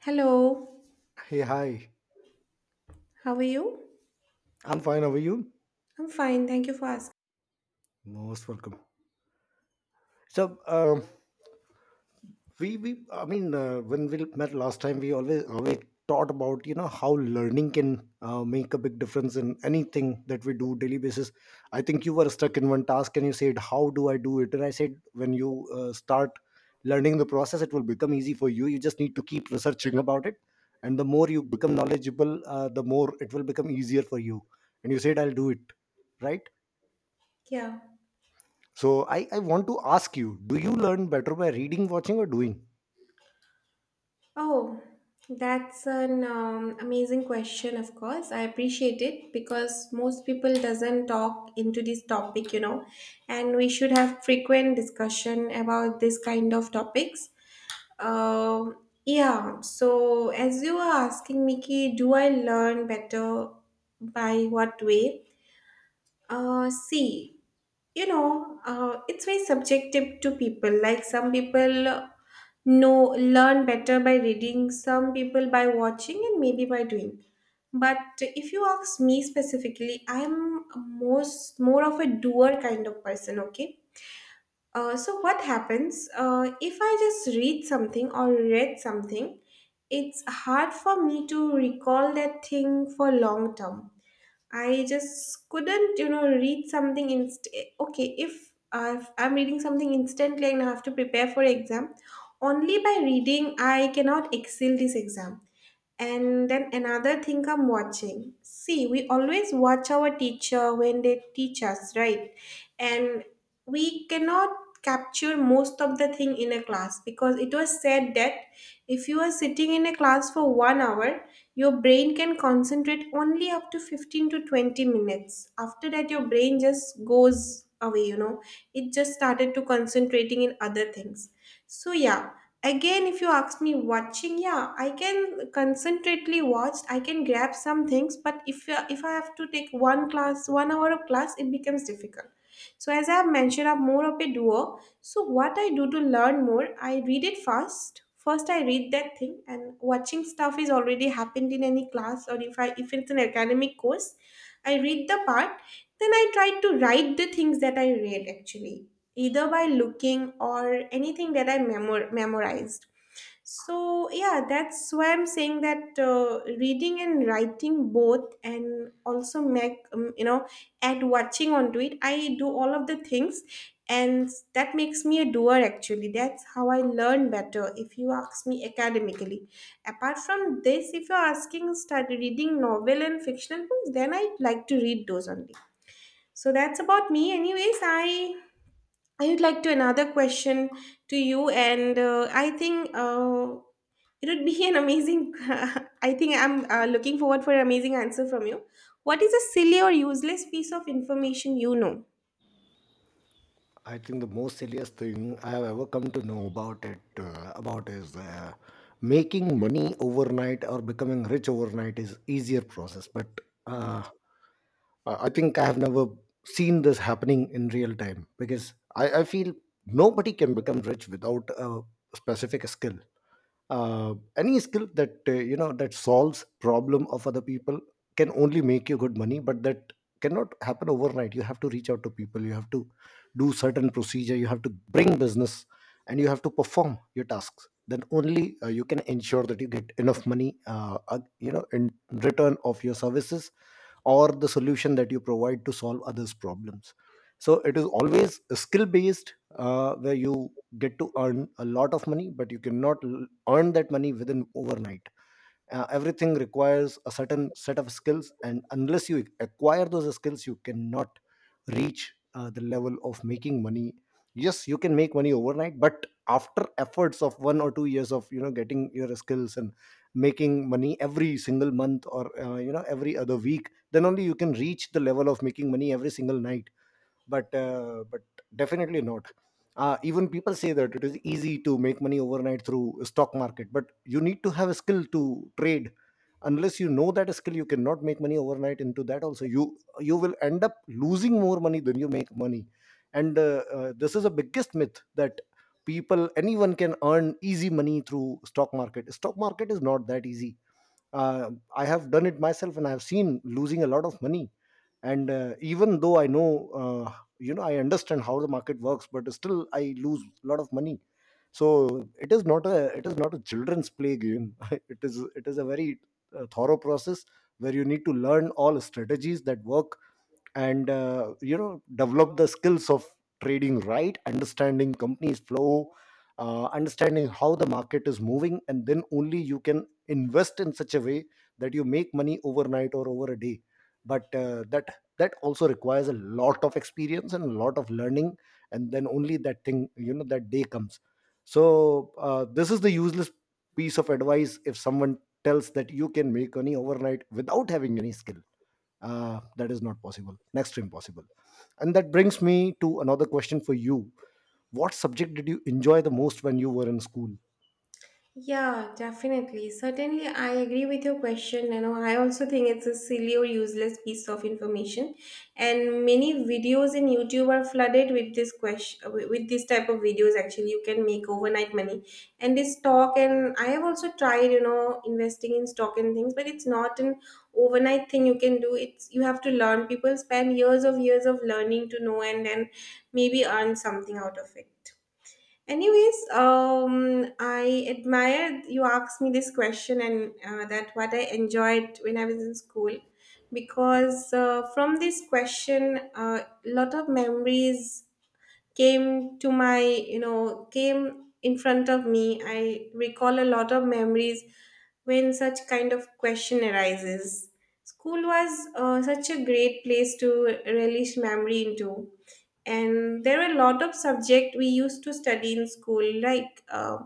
Hello, Hey, hi. how are you? I'm fine. How are you? I'm fine, thank you for asking. Most welcome. So, we, I mean, when we met last time, we always taught about how learning can make a big difference in anything that we do daily basis. I think you were stuck in one task, and you said, how do I do it? And I said, when you start learning the process, it will become easy for you. You just need to keep researching about it. And the more you become knowledgeable, the more it will become easier for you. And you said, I'll do it. Right? Yeah. So I want to ask you, do you learn better by reading, watching, or doing? Oh, that's an amazing question, of course. I appreciate it because most people doesn't talk into this topic, you know, and we should have frequent discussion about this kind of topics. Um, yeah, so as you were asking, Mickey, do I learn better by what way? See. You know, it's very subjective to people, like some people know learn better by reading, some people by watching, and maybe by doing. But if you ask me specifically, I'm most more of a doer kind of person, okay. So what happens, if I just read something or read something, it's hard for me to recall that thing for long term. I just couldn't, you know, read something inst. Okay, if I'm reading something instantly and I have to prepare for exam, only by reading I cannot excel this exam. And then another thing, I'm watching. See, we always watch our teacher when they teach us, right? And we cannot capture most of the thing in a class, because it was said that if you are sitting in a class for 1 hour, your brain can concentrate only up to 15 to 20 minutes. After that, your brain just goes away, you know, it just started to concentrating in other things. So, yeah. Again, if you ask me watching, yeah, I can concentrately watch. I can grab some things, but if I have to take one class, 1 hour of class, it becomes difficult. So as I have mentioned, I'm more of a doer. So what I do to learn more, I read it first. First, I read that thing, and watching stuff is already happened in any class, or if it's an academic course, I read the part, then I try to write the things that I read actually, either by looking or anything that I memorized So, yeah, that's why I'm saying that reading and writing both, and also make you know, add watching onto it. I do all of the things, and that makes me a doer actually. That's how I learn better, if you ask me academically. Apart from this, if you're asking, start reading novel and fictional books, then I'd like to read those only. So, that's about me, anyways. I would like to another question to you, and I think it would be an amazing. I think I'm looking forward for an amazing answer from you. What is a silly or useless piece of information you know? I think the most silliest thing I have ever come to know about it about is making money overnight, or becoming rich overnight is easier process. But uh, I think I have never seen this happening in real time, because I feel nobody can become rich without a specific skill. Any skill that you know that solves problem of other people can only make you good money, but that cannot happen overnight. You have to reach out to people, you have to do certain procedure, you have to bring business, and you have to perform your tasks. Then only you can ensure that you get enough money in return of your services, or the solution that you provide to solve others problems. So it is always skill based, where you get to earn a lot of money, but you cannot earn that money within overnight. Everything requires a certain set of skills, and unless you acquire those skills, you cannot reach the level of making money. Yes, you can make money overnight, but after efforts of 1 or 2 years of getting your skills and making money every single month, or every other week, then only you can reach the level of making money every single night. But definitely not. Even people say that it is easy to make money overnight through stock market, but you need to have a skill to trade. Unless you know that skill, you cannot make money overnight. Into that also, you will end up losing more money than you make money. And this is the biggest myth, that people, anyone can earn easy money through stock market. Stock market is not that easy. uh, I have done it myself, and I have seen losing a lot of money. And even though I know, uh, I understand how the market works, but still I lose a lot of money. So it is not a children's play game. It is a very thorough process, where you need to learn all strategies that work, and develop the skills of trading, right, understanding companies flow, understanding how the market is moving, and then only you can invest in such a way that you make money overnight or over a day. But that also requires a lot of experience and a lot of learning, and then only that thing, you know, that day comes. So this is the useless piece of advice, if someone tells that you can make money overnight without having any skill. That is not possible, next to impossible. And that brings me to another question for you: what subject did you enjoy the most when you were in school? Yeah, definitely. Certainly, I agree with your question. You know, I also think it's a silly or useless piece of information, and many videos in YouTube are flooded with this question, with this type of videos. Actually, you can make overnight money, and this stock. And I have also tried, you know, investing in stock and things, but it's not an overnight thing you can do. It's you have to learn. People spend years of learning to know, and then maybe earn something out of it. Anyways, I admired you asked me this question and that what I enjoyed when I was in school, because from this question, a lot of memories came to my, you know, came in front of me. I recall a lot of memories when such kind of question arises. School was such a great place to relish memory into, and there were a lot of subject we used to study in school, like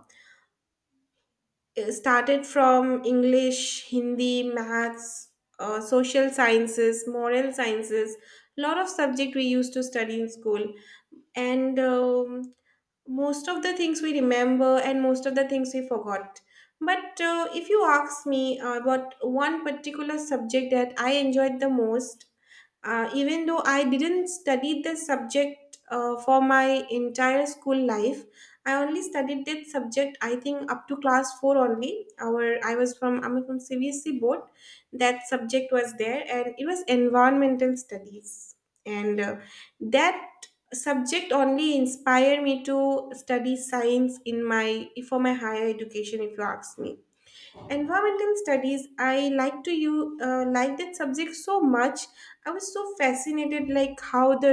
it started from English, Hindi, maths, social sciences, moral sciences. Lot of subject we used to study in school, and most of the things we remember and most of the things we forgot. But if you ask me about one particular subject that I enjoyed the most, even though I didn't study this subject for my entire school life, I only studied that subject I think up to class four only our I was from, I'm from CVSC board. That subject was there, and it was environmental studies. And that subject only inspired me to study science in my, for my higher education. If you ask me, environmental studies, I like to you like that subject so much. I was so fascinated, like how the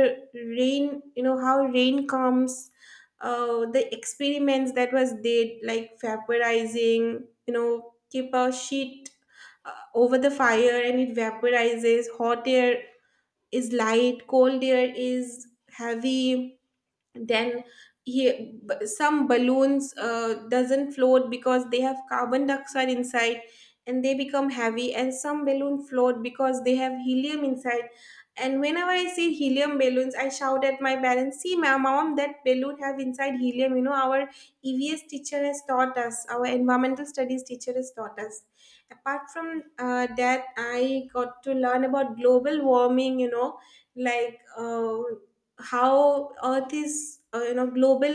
rain, you know, how rain comes. The experiments that was did, like vaporizing, you know, keep a sheet over the fire and it vaporizes. Hot air is light, cold air is heavy. Then some balloons doesn't float because they have carbon dioxide inside and they become heavy, and some balloon float because they have helium inside. And whenever I see helium balloons, I shout at my parents, see, my mom, that balloon have inside helium, you know, our EVS teacher has taught us, our environmental studies teacher has taught us. Apart from that, I got to learn about global warming, you know, like how earth is you know, global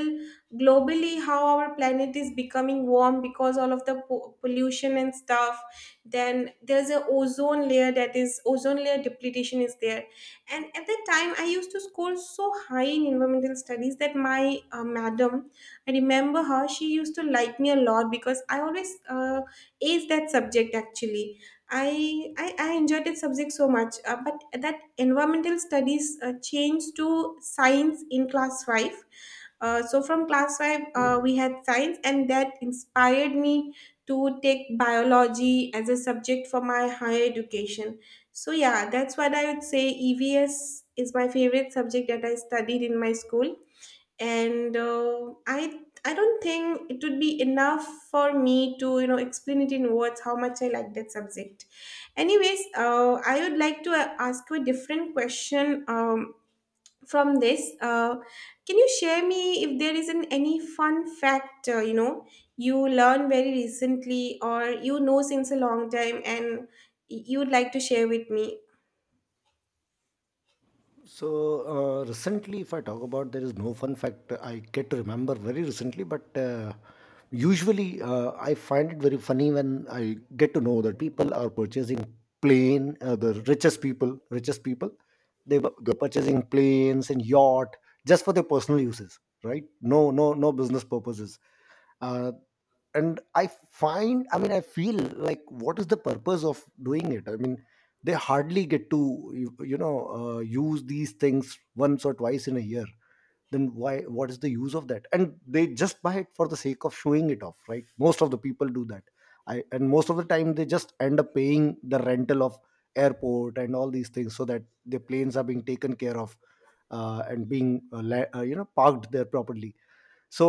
globally how our planet is becoming warm because all of the pollution and stuff. Then there's a ozone layer, that is, ozone layer depletion is there. And at that time, I used to score so high in environmental studies that my madam, I remember her, she used to like me a lot because I always aced that subject actually. I enjoyed that subject so much. But at that, environmental studies changed to science in class five. So from class five, we had science, and that inspired me to take biology as a subject for my higher education. So yeah, that's what I would say. EVS is my favorite subject that I studied in my school, and I don't think it would be enough for me to, you know, explain it in words how much I like that subject. Anyways, I would like to ask you a different question, from this, can you share me if there is an, any fun fact, you know, you learned very recently, or, you know, since a long time, and you would like to share with me. So recently, if I talk about, there is no fun fact I get to remember very recently. But usually I find it very funny when I get to know that people are purchasing plane, the richest people, they're purchasing planes and yacht just for their personal uses, right? No, no, no business purposes. uh, and I find, I mean, I feel like, what is the purpose of doing it? I mean, they hardly get to, use these things once or twice in a year. Then why? What is the use of that? And they just buy it for the sake of showing it off, right? Most of the people do that. I and most of the time they just end up paying the rental of airport and all these things, so that the planes are being taken care of and being parked there properly. So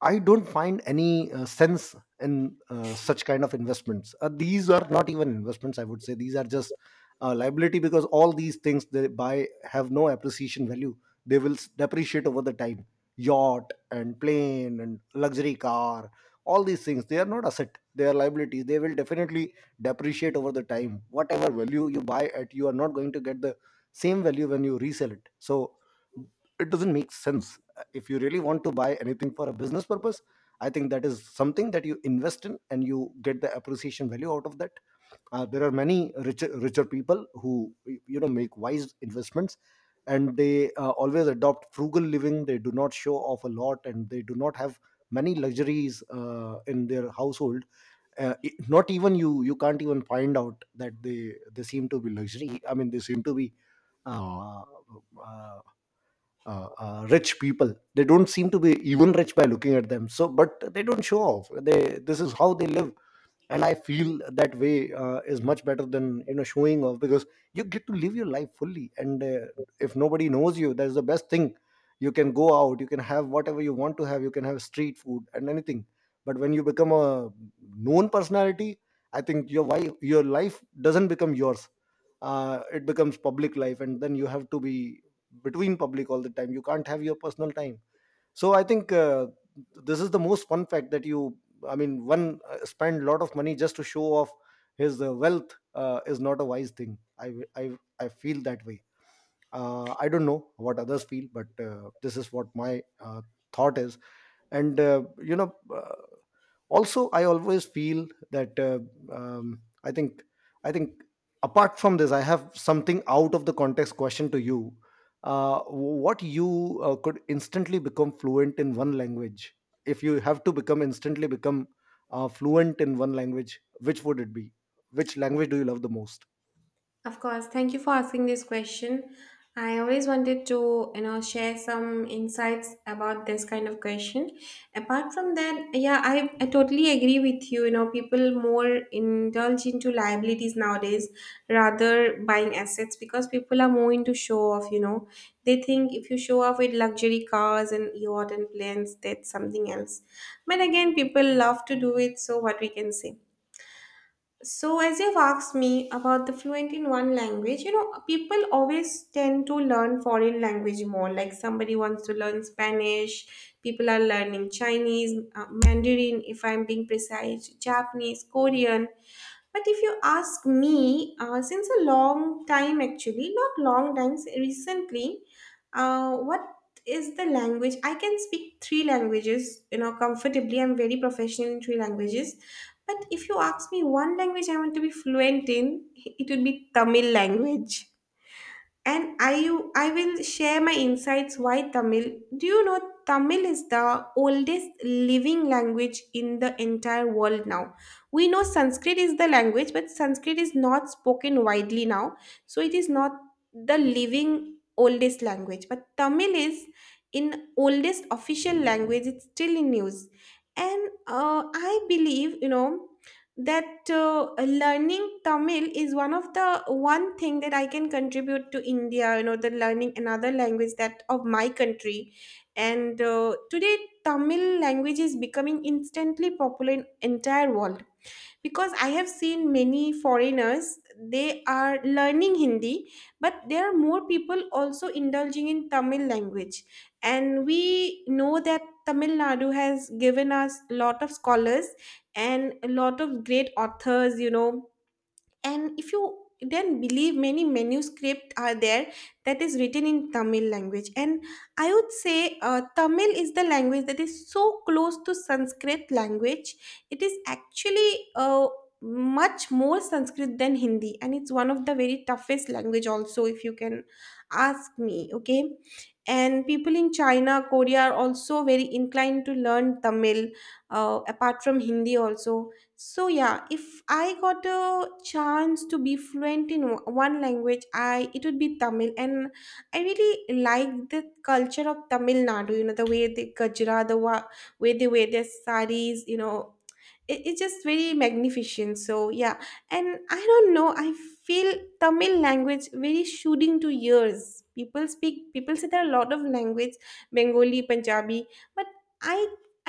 I don't find any sense in such kind of investments. These are not even investments, I would say. These are just liability, because all these things they buy have no appreciation value. They will depreciate over the time. Yacht and plane and luxury car, all these things, they are not asset, they are liabilities. They will definitely depreciate over the time. Whatever value you buy at, you are not going to get the same value when you resell it. So it doesn't make sense. If you really want to buy anything for a business purpose, I think that is something that you invest in, and you get the appreciation value out of that. There are many richer people who, you know, make wise investments. And they always adopt frugal living. They do not show off a lot, and they do not have many luxuries in their household. Not even you, you can't even find out that they seem to be luxury. I mean, they seem to be uh, uh, rich people. They don't seem to be even rich by looking at them. So, but they don't show off. They this is how they live. And I feel that way is much better than, showing off, because you get to live your life fully. And if nobody knows you, that's the best thing. You can go out, you can have whatever you want to have, you can have street food and anything. But when you become a known personality, I think your life doesn't become yours. It becomes public life, and then you have to be between public all the time, you can't have your personal time. So I think this is the most fun fact, that you, I mean, one spend a lot of money just to show off his wealth is not a wise thing. I feel that way. I don't know what others feel, but this is what my thought is. And also I always feel that um, i think I think apart from this, I have something out of the context question to you. What, you could instantly become fluent in one language, if you have to become instantly become fluent in one language, which would it be? Which language do you love the most? Of course, thank you for asking this question. I always wanted to, you know, share some insights about this kind of question. Apart from that, yeah, I totally agree with you. You know, people more indulge into liabilities nowadays rather buying assets, because people are more into show off, you know. They think if you show off with luxury cars and yacht and planes, that's something else. But again, people love to do it, so what we can say. So, as you've asked me about the fluent in one language, you know, people always tend to learn foreign language more. Like somebody wants to learn Spanish, people are learning Chinese, Mandarin, if I'm being precise, Japanese, Korean. But if you ask me, since a long time actually, not long times, recently, what is the language? I can speak three languages, you know, comfortably. I'm very professional in three languages, but if you ask me one language I want to be fluent in, it would be Tamil language. And I will share my insights why Tamil. Do you know Tamil is the oldest living language in the entire world now? We know Sanskrit is the language, but Sanskrit is not spoken widely now. So it is not the living oldest language. But Tamil is in oldest official language. It's still in use. And I believe, you know, that learning Tamil is one of the one thing that I can contribute to India. You know, the learning another language that of my country, and today Tamil language is becoming instantly popular in entire world, because I have seen many foreigners, they are learning Hindi, but there are more people also indulging in Tamil language. And we know that Tamil Nadu has given us a lot of scholars and a lot of great authors, you know, and if you then believe, many manuscripts are there that is written in Tamil language. And I would say, Tamil is the language that is so close to Sanskrit language. It is actually uh, much more Sanskrit than Hindi, and it's one of the very toughest language also, if you can ask me, okay. And people in China, Korea are also very inclined to learn Tamil, apart from Hindi also. So yeah, if I got a chance to be fluent in one language, I it would be Tamil. And I really like the culture of Tamil Nadu. You know the way they Gajra, the way they wear their saris. You know it's just very magnificent, so yeah. And I don't know, I feel Tamil language very shooting to ears. People speak, people say there are a lot of language, Bengali, Punjabi, but i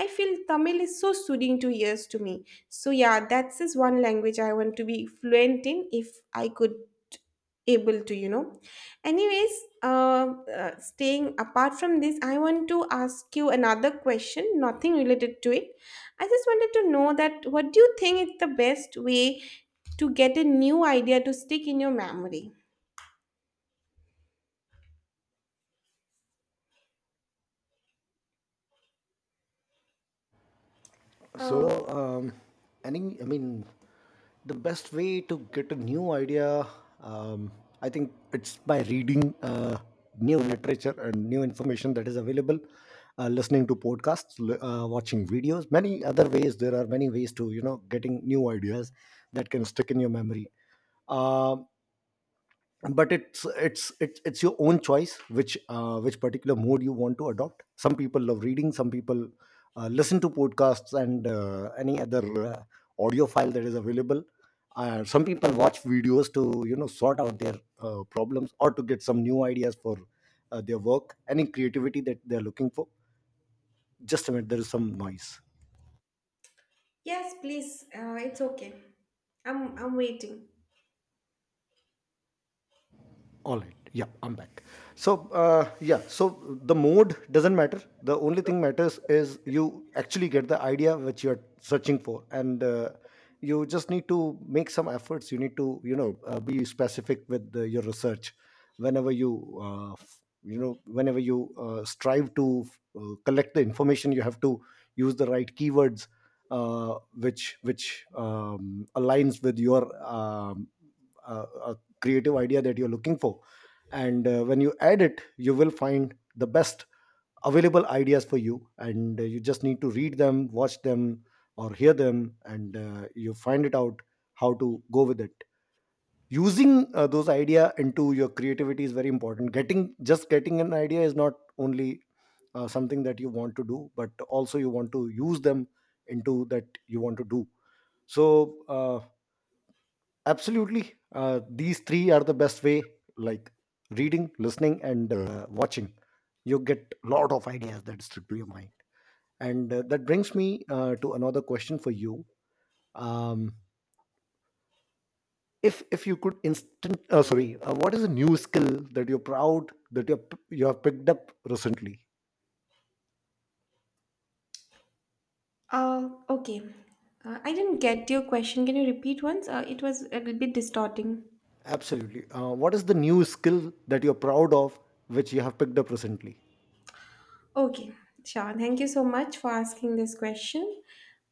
I feel Tamil is so soothing to ears to me. So yeah, that's is one language I want to be fluent in if I could able to you know. Anyways, uh, staying apart from this, I want to ask you another question, nothing related to it. I just wanted to know that what do you think is the best way to get a new idea to stick in your memory? Uh, So, I mean, the best way to get a new idea, um, I think, it's by reading, new literature and new information that is available, listening to podcasts, watching videos, many other ways. There are many ways to, getting new ideas that can stick in your memory. Um but it's your own choice, which particular mode you want to adopt. Some people love reading, some people listen to podcasts and any other audio file that is available. Some people watch videos to, sort out their problems, or to get some new ideas for their work, any creativity that they're looking for. Just a minute, there is some noise. yes, please. It's okay. I'm waiting. All right. Yeah, I'm back. So, yeah, so the mode doesn't matter. The only thing matters is you actually get the idea which you're searching for. And you just need to make some efforts. You need to, be specific with your research. Whenever you, whenever you strive to collect the information, you have to use the right keywords. Which aligns with your uh, a creative idea that you're looking for. And when you add it, you will find the best available ideas for you. And you just need to read them, watch them, or hear them, and you find it out how to go with it. Using those idea into your creativity is very important. Getting just getting an idea is not only something that you want to do, but also you want to use them into that you want to do. So, absolutely. These three are the best way, like reading, listening, and watching. You get a lot of ideas that stick to your mind. And that brings me to another question for you. Um, if you could instant, what is a new skill that you're proud that you have picked up recently? Okay. I didn't get your question. Can you repeat once? It was a little bit distorting. Absolutely. What is the new skill that you're proud of which you have picked up recently? Okay, sure. Thank you so much for asking this question.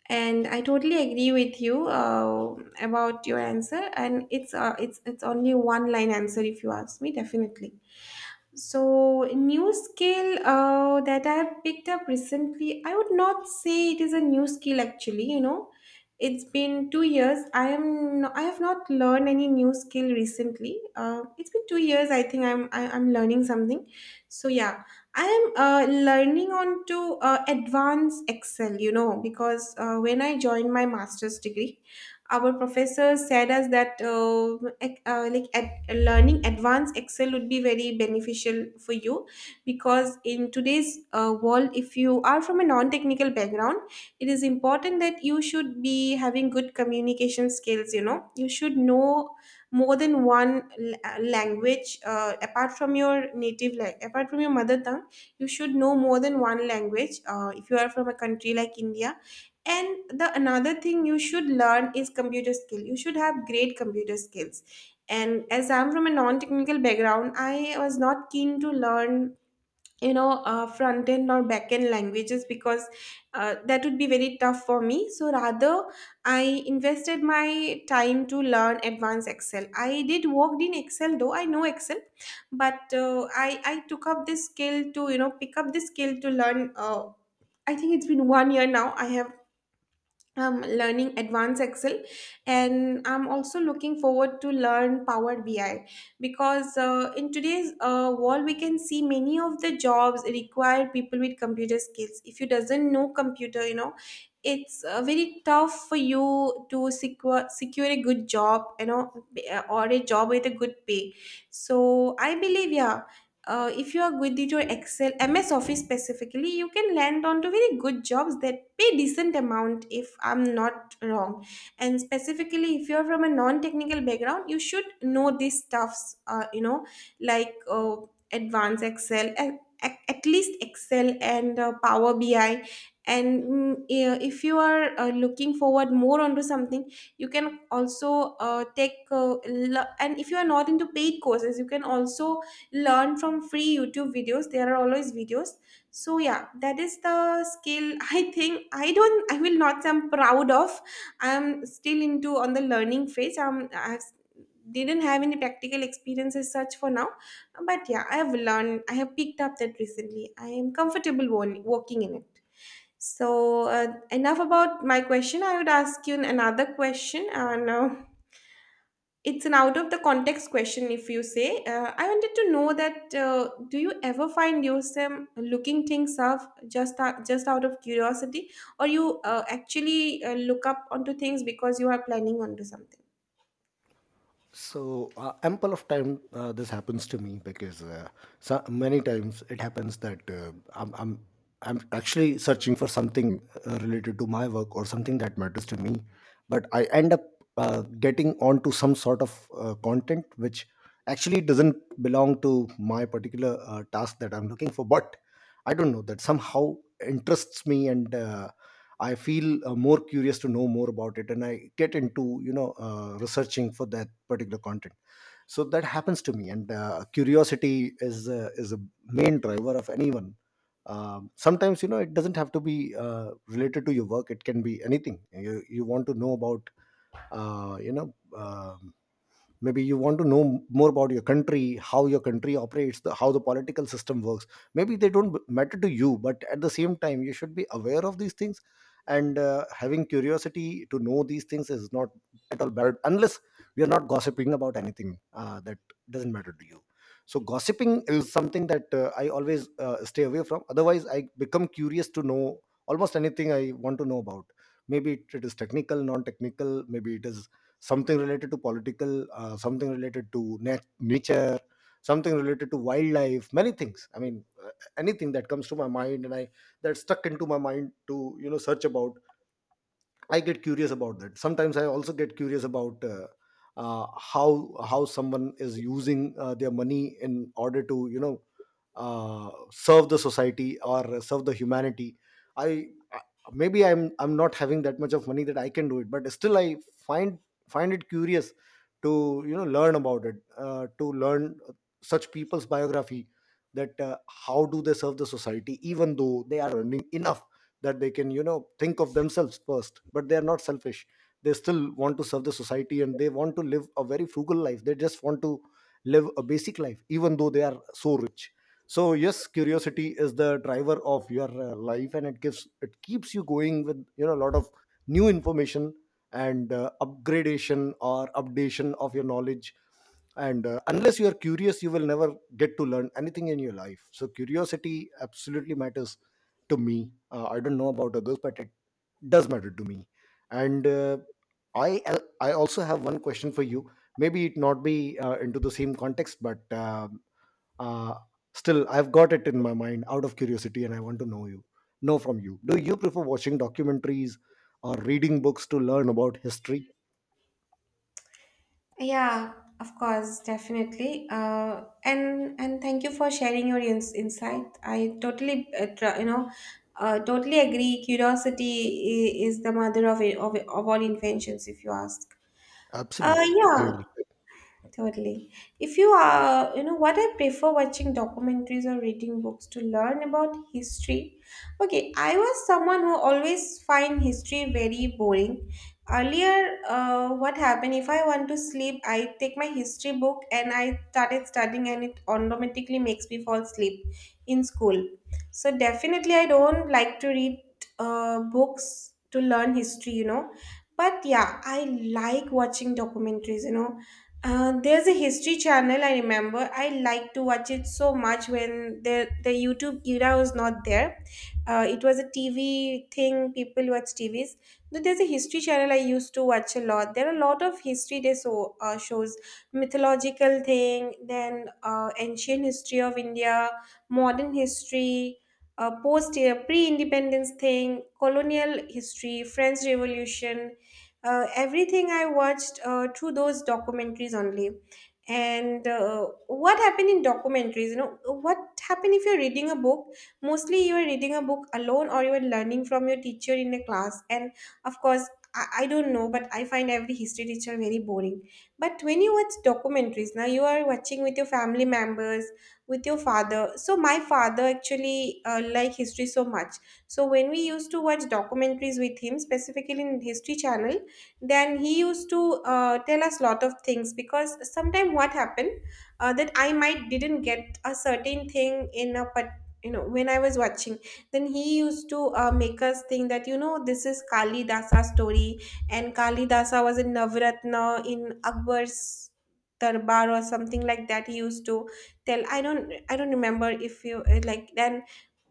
And I totally agree with you about your answer. And it's only one line answer if you ask me, definitely. So, new skill that I have picked up recently, I would not say it is a new skill actually, you know. It's been 2 years. I have not learned any new skill recently. It's been 2 years. I think I'm learning something. So yeah, I am learning on to advanced Excel. You know, because when I joined my master's degree, our professor said us that learning advanced Excel would be very beneficial for you, because in today's world, if you are from a non-technical background, it is important that you should be having good communication skills, you know. You should know more than one language apart from your native, like apart from your mother tongue. You should know more than one language if you are from a country like India. And the another thing you should learn is computer skill. You should have great computer skills. And as I'm from a non-technical background, I was not keen to learn, you know, front end or back end languages, because that would be very tough for me. So rather, I invested my time to learn advanced Excel. I did worked in Excel, though I know Excel, but I took up this skill to, you know, pick up this skill to learn I think it's been 1 year now. I have learning advanced Excel. And I'm also looking forward to learn Power BI, because in today's world we can see many of the jobs require people with computer skills. If you doesn't know computer, you know, it's very tough for you to secure a good job, you know, or a job with a good pay. So I believe, yeah, if you are good with your Excel, MS Office specifically, you can land onto very good jobs that pay decent amount, if I'm not wrong. And specifically, if you're from a non-technical background, you should know these stuffs, you know, like uh, advanced Excel at least Excel and Power BI. And yeah, if you are looking forward more onto something, you can also take l- and if you are not into paid courses, you can also learn from free YouTube videos. There are always videos. So yeah, that is the skill I think I don't, I will not say I'm proud of. I'm still into on the learning phase. Um, I have didn't have any practical experiences such for now. But yeah, I have learned, I have picked up that recently. I am comfortable working in it. So enough about my question. I would ask you another question, and it's an out of the context question, if you say. I wanted to know that do you ever find yourself looking things up just out of curiosity, or you actually look up onto things because you are planning onto something? So ample of time this happens to me because so many times it happens that I'm actually searching for something related to my work or something that matters to me, but I end up getting onto some sort of content which actually doesn't belong to my particular task that I'm looking for. But I don't know that somehow interests me, and I feel more curious to know more about it, and I get into, you know, researching for that particular content. So that happens to me, and curiosity is, is a main driver of anyone. Sometimes, you know, it doesn't have to be related to your work; it can be anything. You want to know about, you know. um Maybe you want to know more about your country, how your country operates how the political system works. Maybe they don't matter to you, but at the same time you should be aware of these things, and having curiosity to know these things is not at all bad, unless we are not gossiping about anything that doesn't matter to you. So gossiping is something that I always stay away from. Otherwise, I become curious to know almost anything I want to know about. Maybe it is technical, non-technical, maybe it is something related to political, something related to nature, something related to wildlife, many things. I mean, anything that comes to my mind and I that stuck into my mind to, you know, search about, I get curious about that. Sometimes I also get curious about how someone is using their money in order to, you know, serve the society or serve the humanity. I I- Maybe I'm not having that much of money that I can do it, but still I find find it curious to, you know, learn about it, to learn, such people's biography, that how do they serve the society even though they are earning enough that they can, you know, think of themselves first, but they are not selfish. They still want to serve the society, and they want to live a very frugal life. They just want to live a basic life even though they are so rich. So yes, curiosity is the driver of your life, and it gives, it keeps you going with, you know, a lot of new information and upgradation or updation of your knowledge. And unless you are curious, you will never get to learn anything in your life. So curiosity absolutely matters to me. I don't know about others, but it does matter to me. And I also have one question for you. Maybe it not be into the same context, but uh, still I've got it in my mind out of curiosity, and I want to know, you know, from you. Do you prefer watching documentaries or reading books to learn about history? Yeah, of course, definitely. And thank you for sharing your insight. I totally, you know, totally agree. Curiosity is the mother of it, of all inventions, if you ask. Absolutely, I Yeah, agree. totally. If you are, you know, what I prefer watching documentaries or reading books to learn about history. Okay, I was someone who always find history very boring. Earlier, what happened, if I want to sleep, I take my history book and I started studying, and it automatically makes me fall asleep in school. So definitely, I don't like to read books to learn history, you know, but yeah, I like watching documentaries. You know, there's a history channel, I remember. I like to watch it so much when the YouTube era was not there. It was a TV thing. People watch TVs. But there's a history channel I used to watch a lot. There are a lot of history they so shows, mythological thing, then ancient history of India, modern history, post pre independence thing, colonial history, French Revolution, everything I watched through those documentaries only. And what happened in documentaries? You know, what happened if you're reading a book? Mostly you are reading a book alone or you are learning from your teacher in a class. And of course, I don't know, but I find every history teacher very boring. But when you watch documentaries, now you are watching with your family members, with your father. So my father actually like history so much. So when we used to watch documentaries with him, specifically in History Channel, then he used to tell us lot of things, because sometime what happened that I might didn't get a certain thing in a, but you know when I was watching, then he used to make us think that, you know, this is Kali Dasa story. And Kali Dasa was in navratna in Akbar's darbar or something like that, he used to tell. I don't remember if you like, then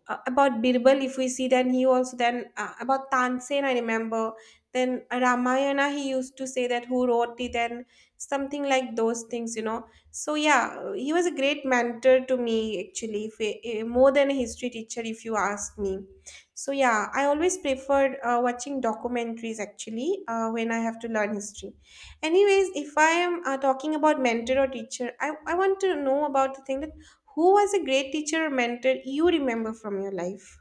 about Birbal, if we see, then he also, then about Tansen, I remember. Then Ramayana, he used to say that who wrote it, then something like those things, you know. So yeah, he was a great mentor to me actually, if, more than a history teacher, if you ask me. So yeah, I always preferred watching documentaries actually when I have to learn history. Anyways, if I am talking about mentor or teacher, I want to know about the thing that who was a great teacher or mentor you remember from your life?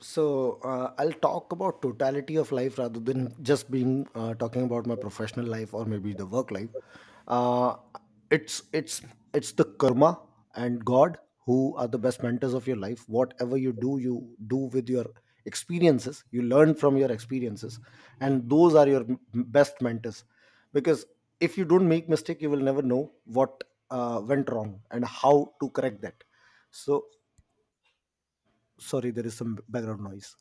So I'll talk about totality of life rather than just being talking about my professional life or maybe the work life. Uh, it's it's it's the karma and God who are the best mentors of your life. Whatever you do with your experiences. You learn from your experiences, and those are your best mentors. Because if you don't make mistake, you will never know what went wrong and how to correct that. So sorry, there is some background noise.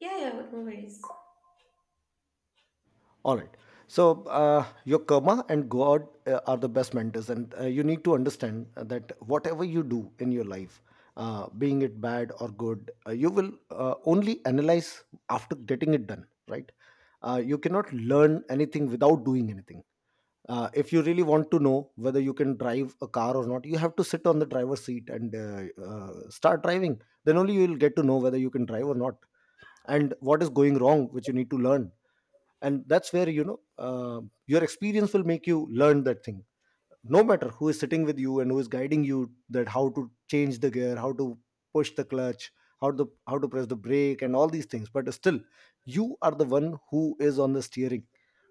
Yeah, yeah, no worries. All right. So, your karma and God are the best mentors, and you need to understand that whatever you do in your life, being it bad or good, you will only analyze after getting it done, right? You cannot learn anything without doing anything. If you really want to know whether you can drive a car or not, you have to sit on the driver's seat and start driving. Then only you will get to know whether you can drive or not and what is going wrong, which you need to learn. And that's where, you know, your experience will make you learn that thing, no matter who is sitting with you and who is guiding you, that how to change the gear, how to push the clutch, how to press the brake and all these things. But still, you are the one who is on the steering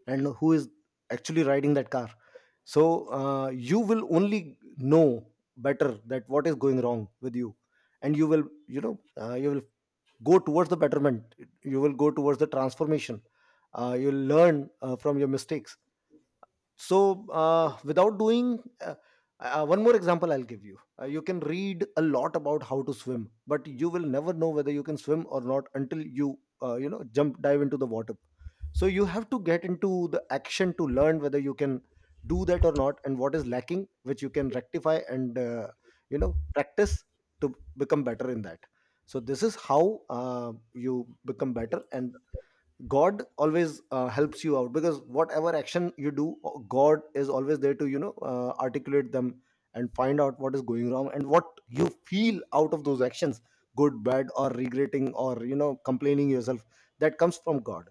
and who is actually riding that car. So you will only know better that what is going wrong with you, and you will, you know, you will go towards the betterment, you will go towards the transformation. Uh, you'll learn from your mistakes. So without doing one more example I'll give you. Uh, you can read a lot about how to swim, but you will never know whether you can swim or not until you, you know, jump, dive into the water. So you have to get into the action to learn whether you can do that or not, and what is lacking, which you can rectify, and you know, practice to become better in that. So this is how you become better. And God always helps you out, because whatever action you do, God is always there to, you know, articulate them and find out what is going wrong and what you feel out of those actions, good, bad, or regretting, or, you know, complaining yourself, that comes from God.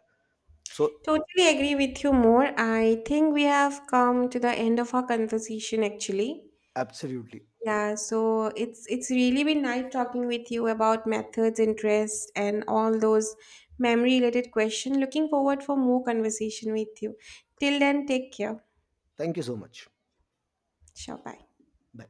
So Totally agree with you more. I think we have come to the end of our conversation actually. absolutely, Yeah, so it's really been nice talking with you about methods, interest, and all those memory related questions. Looking forward for more conversation with you. Till then, take care. thank you so much. Sure, bye. Bye.